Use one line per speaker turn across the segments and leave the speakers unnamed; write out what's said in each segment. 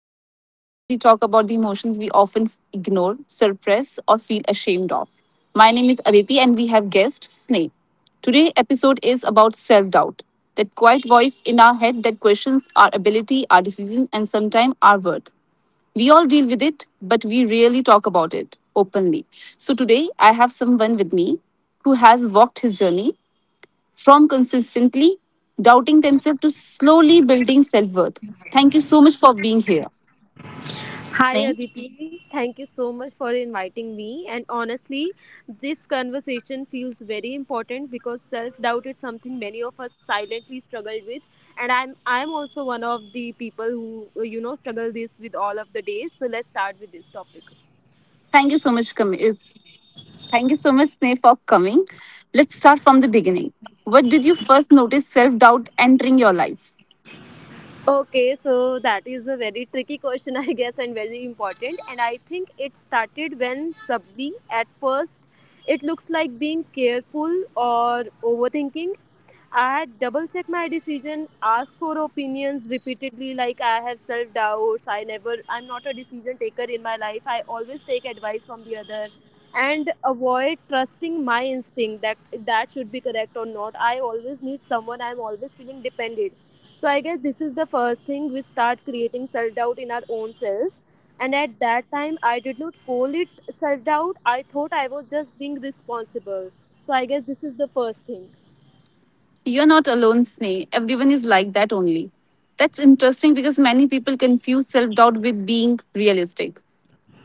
This is a space where we talk about the emotions we often ignore, suppress, or feel ashamed of. My name is Aditi, and we have guest Sneh. Today's episode is about self doubt, that quiet voice in our head that questions our ability, our decisions, and sometimes our worth. We all deal with it, but we rarely talk about it openly. So today, I have someone with me who has walked his journey from consistently doubting themselves to slowly building self worth. Thank you so much for being here,
Hi
Sneh.
Aditi, thank you so much for inviting me. And honestly, this conversation feels very important because self-doubt is something many of us silently struggle with. And I'm also one of the people who struggle this with all of the days. So let's start with this topic.
Thank you so much, com- uh, Thank you so much, Sneh, for coming. Let's start from the beginning. What did you first notice self doubt entering your life?
Okay, so that is a very tricky question, I guess, and very important. And I think it started when subtly at first it looks like being careful or overthinking. I had double checked my decision, asked for opinions repeatedly, like I have self doubts. I never, I'm not a decision taker in my life. I always take advice from the other and avoid trusting my instinct that that should be correct or not. I always need someone, I'm always feeling dependent. So I guess this is the first thing we start creating self doubt in our own self. And at that time, I did not call it self doubt. I thought I was just being responsible. So I guess this is the first thing.
You're not alone, Sneh. Everyone is like that only. That's interesting because many people confuse self doubt with being realistic.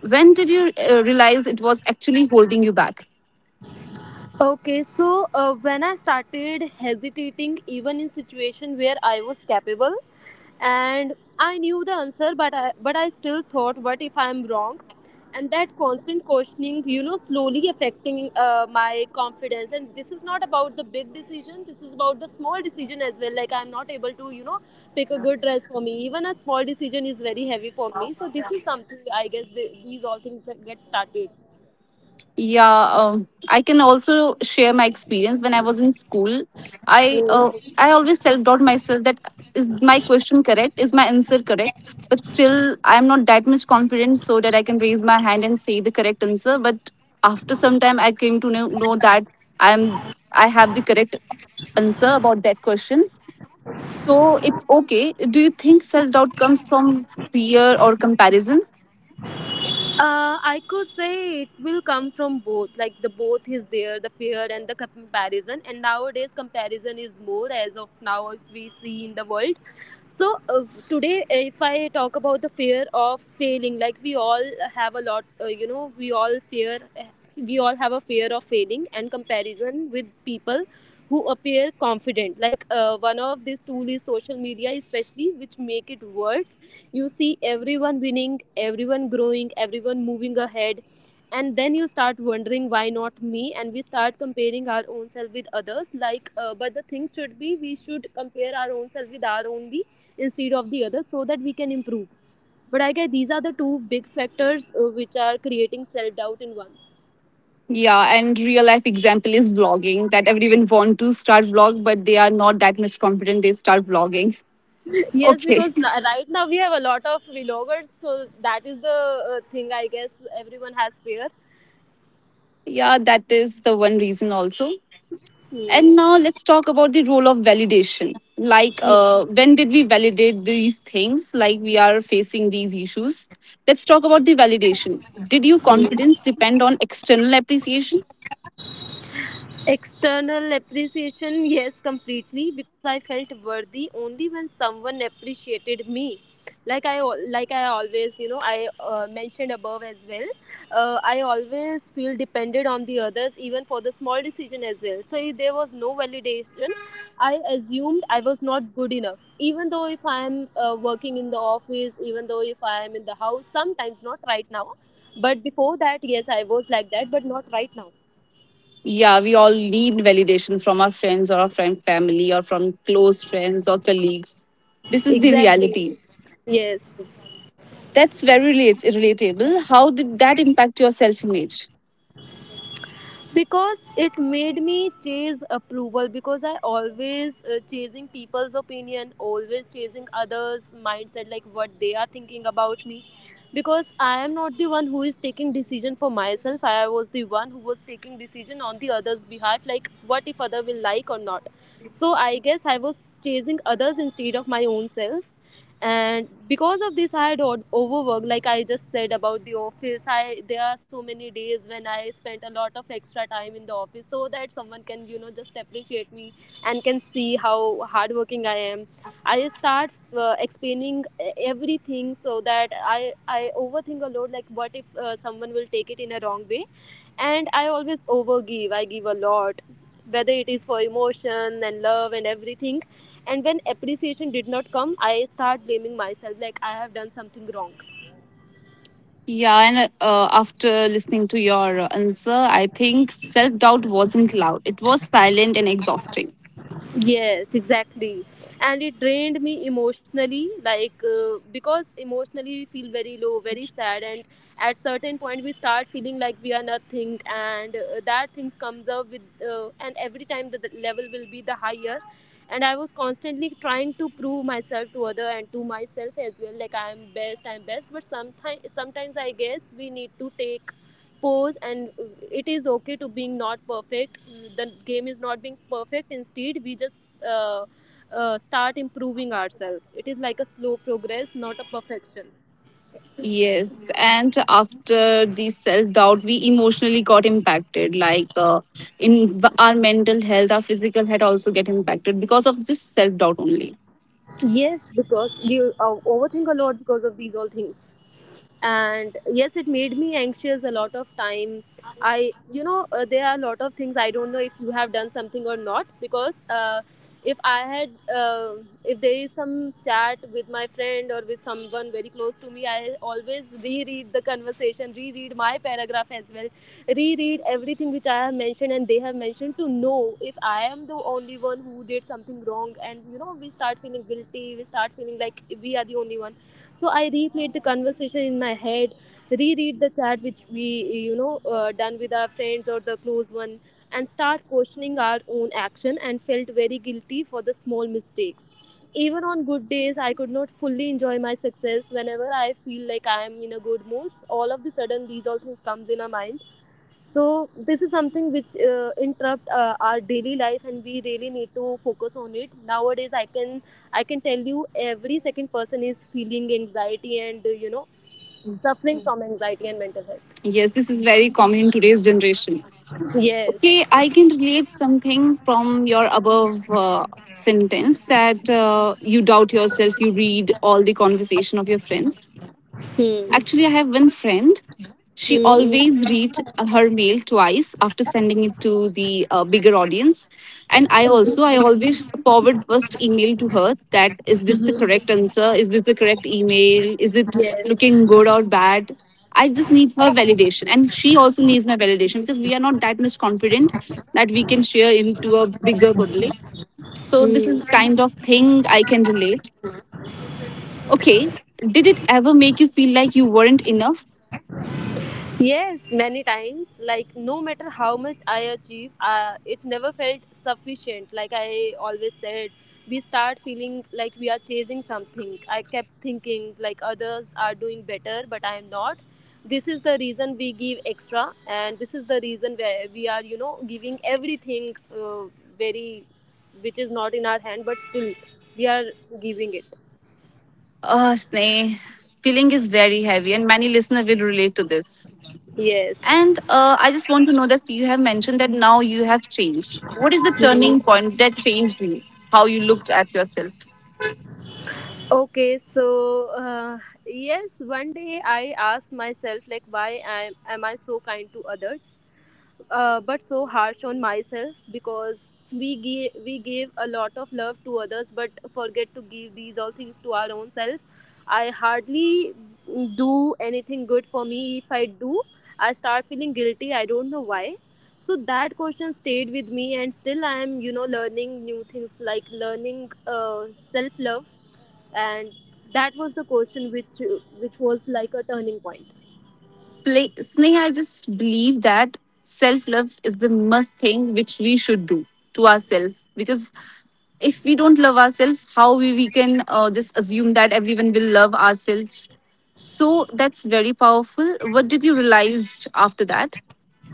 When did you realize it was actually holding you back?
Okay, so when I started hesitating, even in situation where I was capable, and I knew the answer, but I still thought, what if I'm wrong? And that constant questioning, you know, slowly affecting my confidence. And this is not about the big decision. This is about the small decision as well. Like I'm not able to, you know, pick a good dress for me. Even a small decision is very heavy for me. So this is something I guess these all things get started.
Yeah, I can also share my experience when I was in school. I uh, I always self doubt myself that, is my question correct? Is my answer correct? But still, I am not that much confident so that I can raise my hand and say the correct answer. But after some time, I came to know that I am I have the correct answer about that question. So it's okay. Do you think self doubt comes from fear or comparison?
I could say it will come from both. Like the both is there, the fear and the comparison. And nowadays, comparison is more as of now if we see in the world. So today, if I talk about the fear of failing, like we all have a lot, we all have a fear of failing and comparison with people who appear confident like one of this tool is social media especially, which make it worse. You see everyone winning, everyone growing, everyone moving ahead, and then you start wondering why not me, and we start comparing our own self with others like but the thing should be we should compare our own self with our own be instead of the others so that we can improve. But I guess these are the two big factors which are creating self doubt in ones.
Yeah, and real life example is vlogging, that everyone want to start vlog, but they are not that much confident they start vlogging.
Yes,
Okay.
because right now we have a lot of vloggers, so that is the thing I guess everyone has fear.
Yeah, that is the one reason also. And now
Hmm.
let's talk about the role of validation. Like, when did we validate these things? Like, we are facing these issues. Let's talk about the validation. Did your
Hmm.
confidence depend on external appreciation?
External appreciation, yes, completely, because I felt worthy only when someone appreciated me. Like I always, you know, I mentioned above as well. I always feel dependent on the others, even for the small decision as well. So if there was no validation, I assumed I was not good enough. Even though if I am working in the office, even though if I am in the house, sometimes not right now, but before that, yes, I was like that, but not right now.
Yeah, we all need validation from our friends or our friend family or from close friends or colleagues. This is the
Exactly.
reality.
Yes,
That's very relatable. How did that impact your self image?
because it made me chase approval because I always chasing people's opinion, always chasing others' mindset, like what they are thinking about me. Because I am not the one who is taking decision for myself. I was the one who was taking decision on the others' behalf, like what if other will like or not. So I guess I was chasing others instead of my own self. And because of this, I had overworked. Like I just said about the office, I, there are so many days when I spent a lot of extra time in the office so that someone can, you know, just appreciate me and can see how hardworking I am. I start explaining everything, so that I overthink a lot, like what if someone will take it in a wrong way. And I always overgive, I give a lot, whether it is for emotion and love and everything. And when appreciation did not come, I start blaming myself like I have done something wrong.
Yeah, and after listening to your answer, I think self doubt wasn't loud, it was silent and exhausting.
Yes, exactly. And it drained me emotionally, like because emotionally we feel very low, very sad. And at certain point, we start feeling like we are nothing. And that things comes up with and every time the level will be the higher. And I was constantly trying to prove myself to other and to myself as well, like I am best, I'm best. But sometimes I guess we need to take pause. And it is okay to being not perfect. The game is not being perfect, instead we just uh, start improving ourselves. It is like a slow progress, not a perfection.
Yes, and after the self doubt, we emotionally got impacted. Like our mental health, our physical health also get impacted because of this self doubt only.
Yes, because we overthink a lot because of these all things. And yes, it made me anxious a lot of time. I, you know, there are a lot of things I don't know if you have done something or not, because if I had, if there is some chat with my friend or with someone very close to me, I always reread the conversation, reread my paragraph as well, reread everything which I have mentioned and they have mentioned to know if I am the only one who did something wrong. And you know, we start feeling guilty, we start feeling like we are the only one. So I replayed the conversation in my head, reread the chat which we, you know, done with our friends or the close one, and start questioning our own action and felt very guilty for the small mistakes. Even on good days, I could not fully enjoy my success. Whenever I feel like I am in a good mood, all of the sudden these all things comes in our mind. So this is something which interrupt our daily life, and we really need to focus on it. Nowadays, I can tell you every second person is feeling anxiety and, you know, suffering from anxiety and mental health.
Yes, this is very common in today's generation. Okay,
Yes.
I can relate something from your above sentence that you doubt yourself, you read all the conversation of your friends.
Hmm.
Actually, I have one friend. She
Hmm.
always read her mail twice after sending it to the bigger audience, and I
Okay.
always forward first email to her, that is this the correct answer? Is this the correct email? Is it
Yes.
looking good or bad? I just need her validation, and she also needs my validation because we are not that much confident that we can share into a bigger public. So this is
Hmm.
kind of thing I can relate. Okay, did it ever make you feel like you weren't enough?
Yes, many times. Like, no matter how much I achieve, it never felt sufficient. Like I always said, we start feeling like we are chasing something. I kept thinking, like, others are doing better, but I am not. This is the reason we give extra, and this is the reason where we are, you know, giving everything, uh, very, which is not in our hand, but still we are giving it.
Oh, Sneh, feeling is very heavy, and many listeners will relate to this. And
Yes.
I just want to know that you have mentioned that now you have changed. What is the turning point that changed you? How you looked at yourself?
Okay, so yes, one day I asked myself like why am I so kind to others? But so harsh on myself, because we gave a lot of love to others but forget to give these all things to our own self. I hardly do anything good for me. If I do, I start feeling guilty, I don't know why. So that question stayed with me, and still I am, you know, learning new things like learning self love. And that was the question which was like a turning point.
Sneh, I just believe that self love is the must thing which we should do to ourselves, because if we don't love ourselves, how we can just assume that everyone will love ourselves? So that's very powerful. What did you realize after that?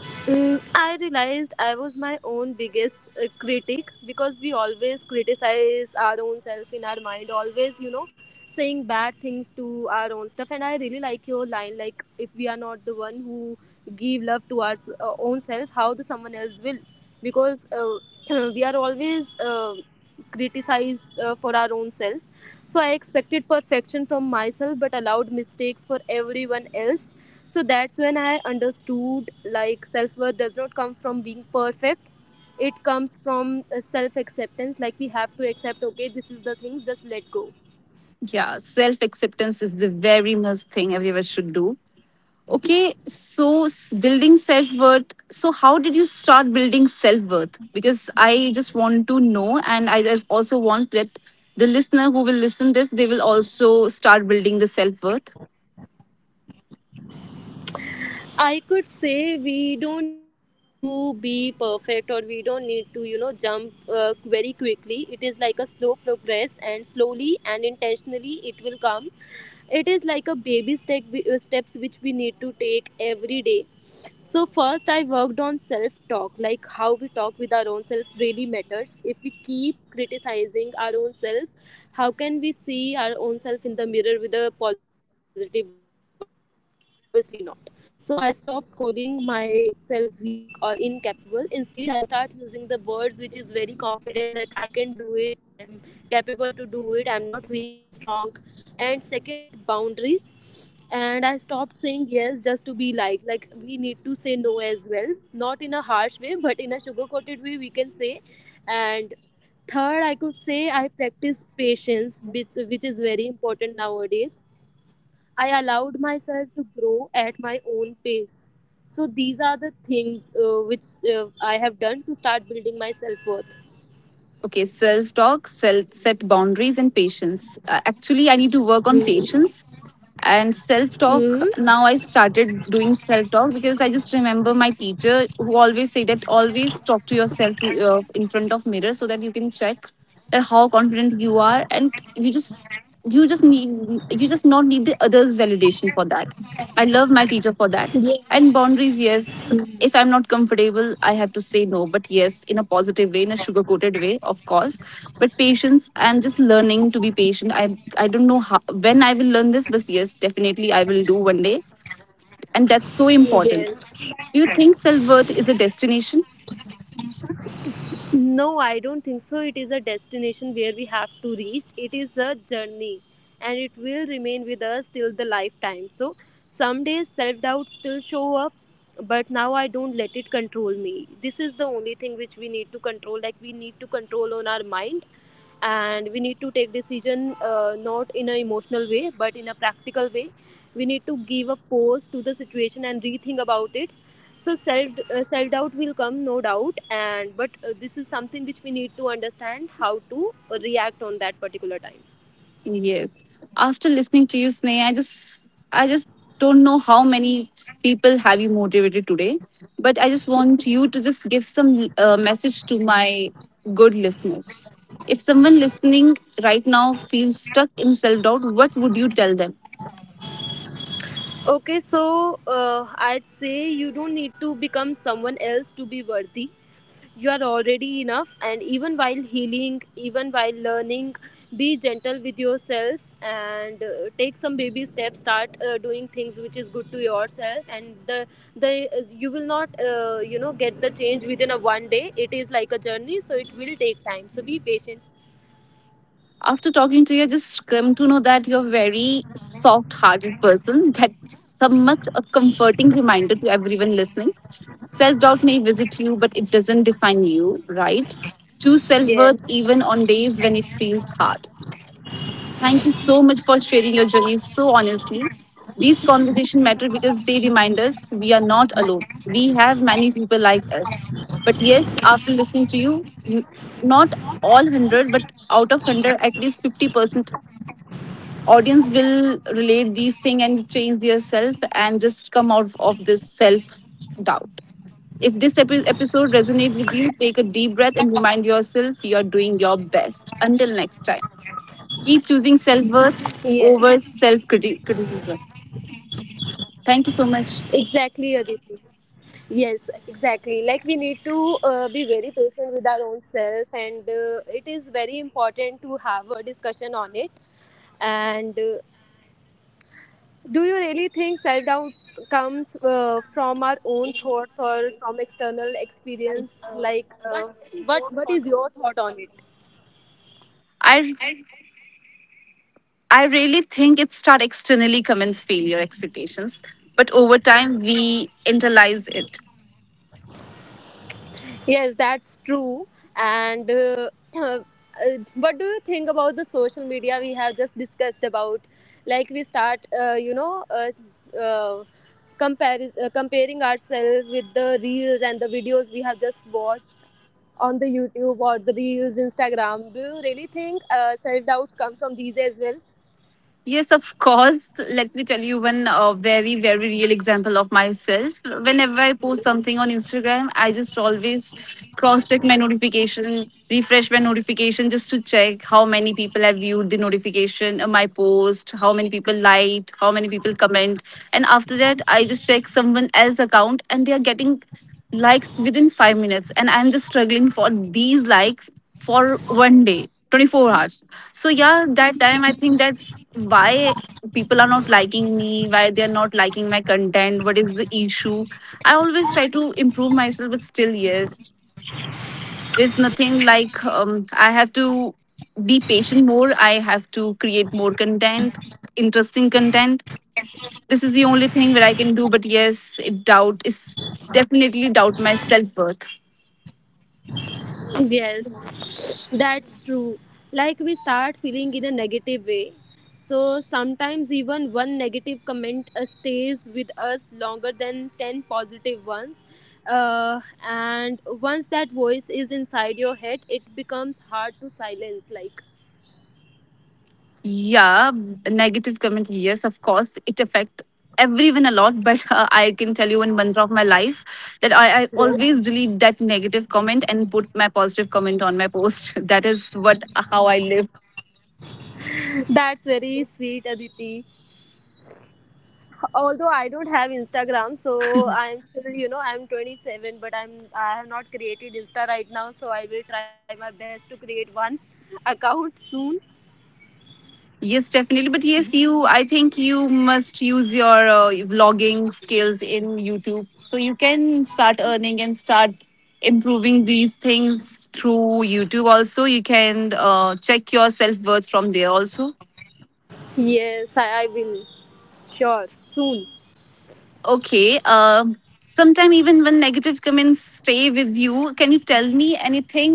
Mm, I realized I was my own biggest critic, because we always criticize our own self in our mind, always, you know, saying bad things to our own stuff. And I really like your line, like if we are not the one who give love to our own self, how the someone else will? Because we are always criticized for our own self. So I expected perfection from myself but allowed mistakes for everyone else. So that's when I understood, like self-worth does not come from being perfect. It comes from self acceptance, like we have to accept okay, this is the thing, just let go.
Yeah, self acceptance is the very must thing everyone should do. Okay, so building self worth. So, how did you start building self worth? Because I just want to know, and I just also want that the listener who will listen this, they will also start building the self worth.
I could say we don't need to be perfect, or we don't need to, you know, jump very quickly. It is like a slow progress, and slowly and intentionally it will come. It is like a baby step, steps which we need to take every day. So first I worked on self talk, like how we talk with our own self really matters. If we keep criticizing our own self, how can we see our own self in the mirror with a positive vibe? Obviously not. So I stopped calling myself weak or incapable. Instead, I start using the words which is very confident, like I can do it, I'm capable to do it, I'm not weak, I'm strong and secondly I learned to set boundaries and I stopped saying yes just to be like we need to say no as well, not in a harsh way but in a sugar coated way we can say. And third, I could say I practice patience, which is very important nowadays. I allowed myself to grow at my own pace. So these are the things which I have done to start building my self worth.
Okay, self talk, self set boundaries, and patience. Actually, I need to work on
Hmm.
patience and self talk.
Hmm.
Now I started doing self talk because I just remember my teacher who always say that always talk to yourself in front of mirror so that you can check that how confident you are, and you just, you just need you just not need the others validation for that. I love my teacher for that.
Yes.
And boundaries, yes, if I'm not comfortable I have to say no, but yes, in a positive way, in a sugar coated way of course. But patience, I'm just learning to be patient. I don't know how, when I will learn this, but yes, definitely I will do one day. And that's so important.
Yes.
Do you think self worth is a destination?
No, I don't think so. It is a destination where we have to reach. It is a journey and it will remain with us till the lifetime. So some days self doubt still show up, but now I don't let it control me. This is the only thing which we need to control. Like we need to control on our mind and we need to take decision not in an emotional way but in a practical way. We need to give a pause to the situation and rethink about it. So self self doubt will come, no doubt, and but this is something which we need to understand how to react on that particular time.
Yes. After listening to you, Sneha, I just don't know how many people have you motivated today. But I just want you to just give some message to my good listeners. If someone listening right now feels stuck in self doubt, what would you tell them?
Okay, so I'd say you don't need to become someone else to be worthy. You are already enough, and even while healing, even while learning, be gentle with yourself and take some baby steps. Start doing things which is good to yourself, and the you will not get the change within a one day. It is like a journey, so it will take time. So be patient.
After talking to you, I just come to know that you're a very soft hearted person. That's somewhat a comforting reminder to everyone listening. Self doubt may visit you, but it doesn't define you, right? Choose self worth
Yes.
even on days when it feels hard. Thank you so much for sharing your journey so honestly. These conversations matter because they remind us we are not alone. We have many people like us. But yes, after listening to you, not all 100, but out of 100, at least 50% audience will relate these things and change their self and just come out of this self doubt. If this episode resonates with you, take a deep breath and remind yourself you are doing your best. Until next time. Keep choosing self worth
Yes.
over self criticism. Thank you so much.
Exactly, Aditi. Yes, exactly. Like we need to be very patient with our own self, and it is very important to have a discussion on it. And do you really think self doubt comes from our own thoughts or from external experience? Like, what is your thought on it?
I I really think it start externally, comments, failure, expectations, but over time we internalize it.
Yes, that's true. And uh, what do you think about the social media we have just discussed about? Like we start, comparing ourselves with the reels and the videos we have just watched on the YouTube or the reels, Instagram. Do you really think self doubts come from these as well?
Yes, of course. Let me tell you one very, very real example of myself. Whenever I post something on Instagram, I just always cross check my notification, refresh my notification just to check how many people have viewed the notification, my post, how many people liked, how many people comment. And after that, I just check someone else's account and they are getting likes within 5 minutes. And I'm just struggling for these likes for one day, 24 hours. So yeah, that time I think that why people are not liking me, why they're not liking my content, what is the issue. I always try to improve myself, but still, yes, there's nothing like. I have to be patient more, I have to create more content, interesting content. This is the only thing that I can do, but yes, it doubt is definitely doubt my self worth.
Yes, that's true. Like we start feeling in a negative way. So sometimes even one negative comment stays with us longer than 10 positive ones. Uh, and once that voice is inside your head, it becomes hard to silence. Like,
Yeah, negative comment, yes of course it affect everyone a lot. But I can tell you in one of my life that, I always
yes.
delete that negative comment and put my positive comment on my post. That is what, how I live.
That's very sweet, Aditi. Although I don't have Instagram, so I'm still I'm 27, but I have not created Insta right now, so I will try my best to create one account soon.
Yes definitely, but yes you, I think you must use your vlogging skills in YouTube so you can start earning and start improving these things through YouTube also. You can check your self-worth from there also.
Yes, I will, sure, soon.
Okay. Um. Sometime even when negative comments stay with you, can you tell me anything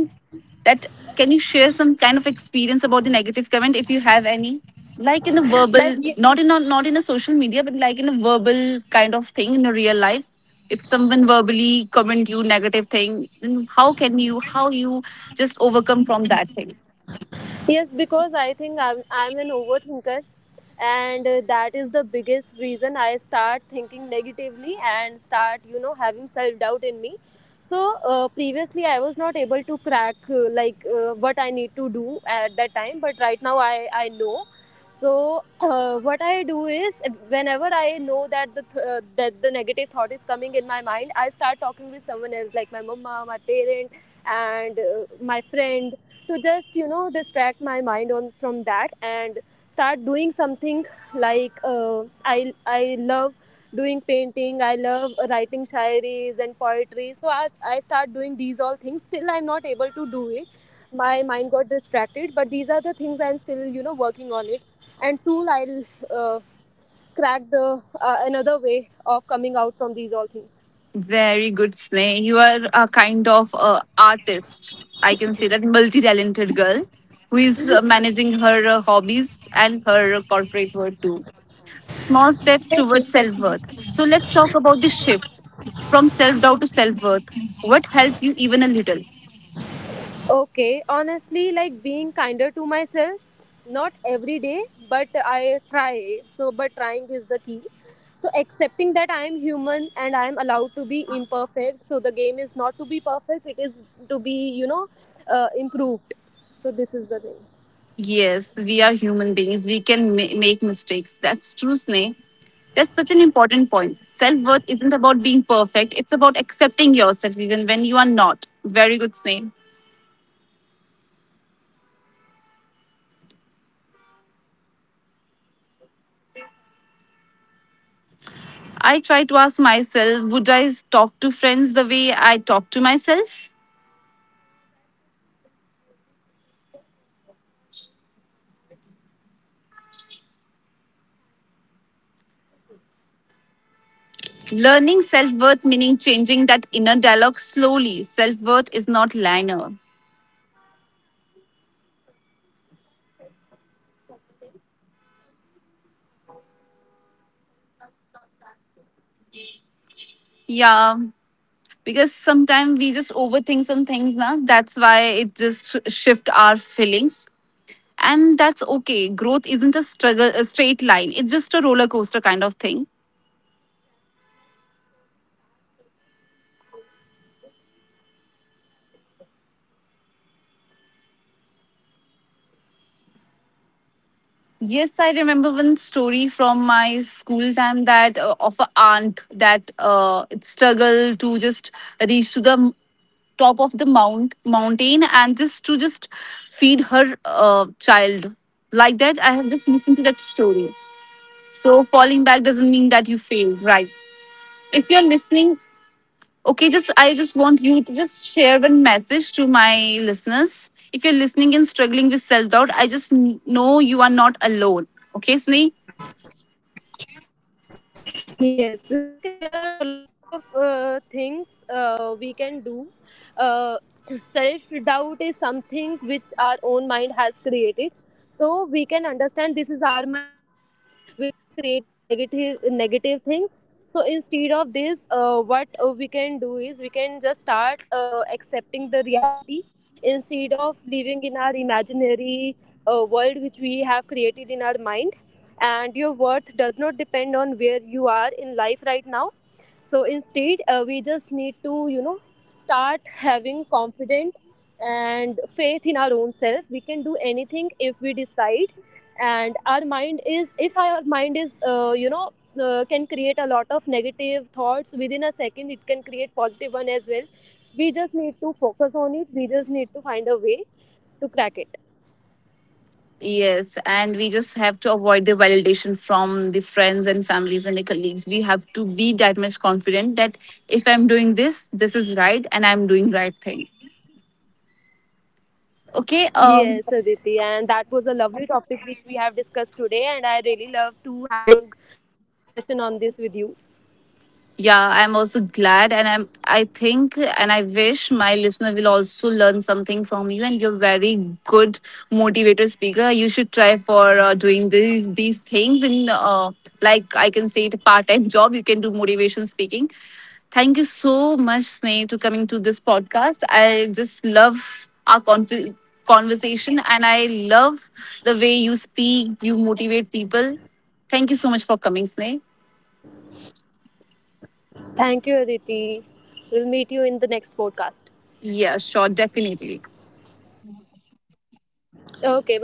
that, can you share some kind of experience about the negative comment if you have any? Like in a verbal,
Like you.
not in a, social media, but like in a verbal kind of thing in a real life. If someone verbally comment you negative thing, then how can you, how you just overcome from that thing?
Yes, because I think I'm an overthinker, and that is the biggest reason I start thinking negatively and start, having self doubt in me. So, previously, I was not able to crack like what I need to do at that time, but right now I know. So, what I do is whenever I know that that the negative thought is coming in my mind, I start talking with someone else, like my mama, my parent, and my friend to just distract my mind on from that and start doing something like I love doing painting. I love writing shairis and poetry. So I start doing these all things. Still I'm not able to do it. My mind got distracted, but these are the things I'm still working on it. And soon I'll uh, crack the another way of coming out from these all things.
Very good, Sneh. You are a kind of artist. I can say that multi-talented girl who is managing her hobbies and her corporate world too. Small steps towards self-worth. So let's talk about the shift from self-doubt to self-worth. What helped you even a little?
Okay, honestly, like being kinder to myself, not every day, but I try. So, but trying is the key. So, accepting that I am human and I am allowed to be imperfect. So, the game is not to be perfect, it is to be, improved. So, this is the thing.
Yes, we are human beings. We can make mistakes. That's true, Sneh. That's such an important point. Self worth isn't about being perfect, it's about accepting yourself even when you are not. Very good, Sneh.
Yes, and you know, we need to celebrate small wins, even getting through a hard day counts.
I try to ask myself, would I talk to friends the way I talk to myself?
That question changes everything. Like, we are often our own hard sheet. Harshest critics.
Learning self worth, meaning changing that inner dialogue slowly. Self worth is not linear.
Yes, and I think it is important to say that self worth is not permanent. Some days you feel confident, and some days self doubts come back to you.
Yeah, because sometimes we just
Hmm.
overthink some things, na? That's why it just shift our feelings. And that's okay.
Yes,
Growth isn't a struggle, a straight line. It's just a roller coaster kind of thing.
exactly. Like falling back does not mean you failed. It is something like we have learned a new thing and new ways.
Yes, I remember one story from my school time that of a aunt that it struggled to just reach to the top of the mountain and just to just feed her child, like that. I have just listened to that story. So falling back doesn't mean that you failed, right? If you're listening, okay, just I just want you to just share one message to my listeners. If you're listening and struggling with self doubt, I just know you are not alone. Okay, Sneh?
Yes, like there are a lot of things we can do. Uh, Self doubt is something which our own mind has created. So we can understand this is our mind only, which is creating negative negative things. So instead of this, what we can do is we can just start accepting the reality instead of living in our imaginary world which we have created in our mind. And your worth does not depend on where you are in life right now. So instead, we just need to, you know, start having confidence and faith in our own self. We can do anything if we decide, and our mind is if our mind is, can create a lot of negative thoughts within a second, it can create positive one as well. We just need to focus on it. We just need to find a way to crack it.
Yes, and we just have to avoid the validation from the friends and families and the colleagues. We have to be that much confident that if I'm doing this, this is right, and I'm doing right thing.
Yes,
Okay.
Aditi, and that was a lovely topic which we have discussed today, and I really love to having you know discussion on this with you.
Yeah, I'm also glad, and I think, and I wish my listener will also learn something from you, and you're very good motivator speaker. You should try for doing these things in like I can say it part-time job, you can do motivation speaking. Thank you so much Sneh to coming to this podcast. I just love our conversation, and I love the way you speak, you motivate people. Thank you so much for coming, Sneh.
Thank you, Aditi. We'll meet you in the next podcast.
Yeah, sure, definitely.
Okay, bye bye.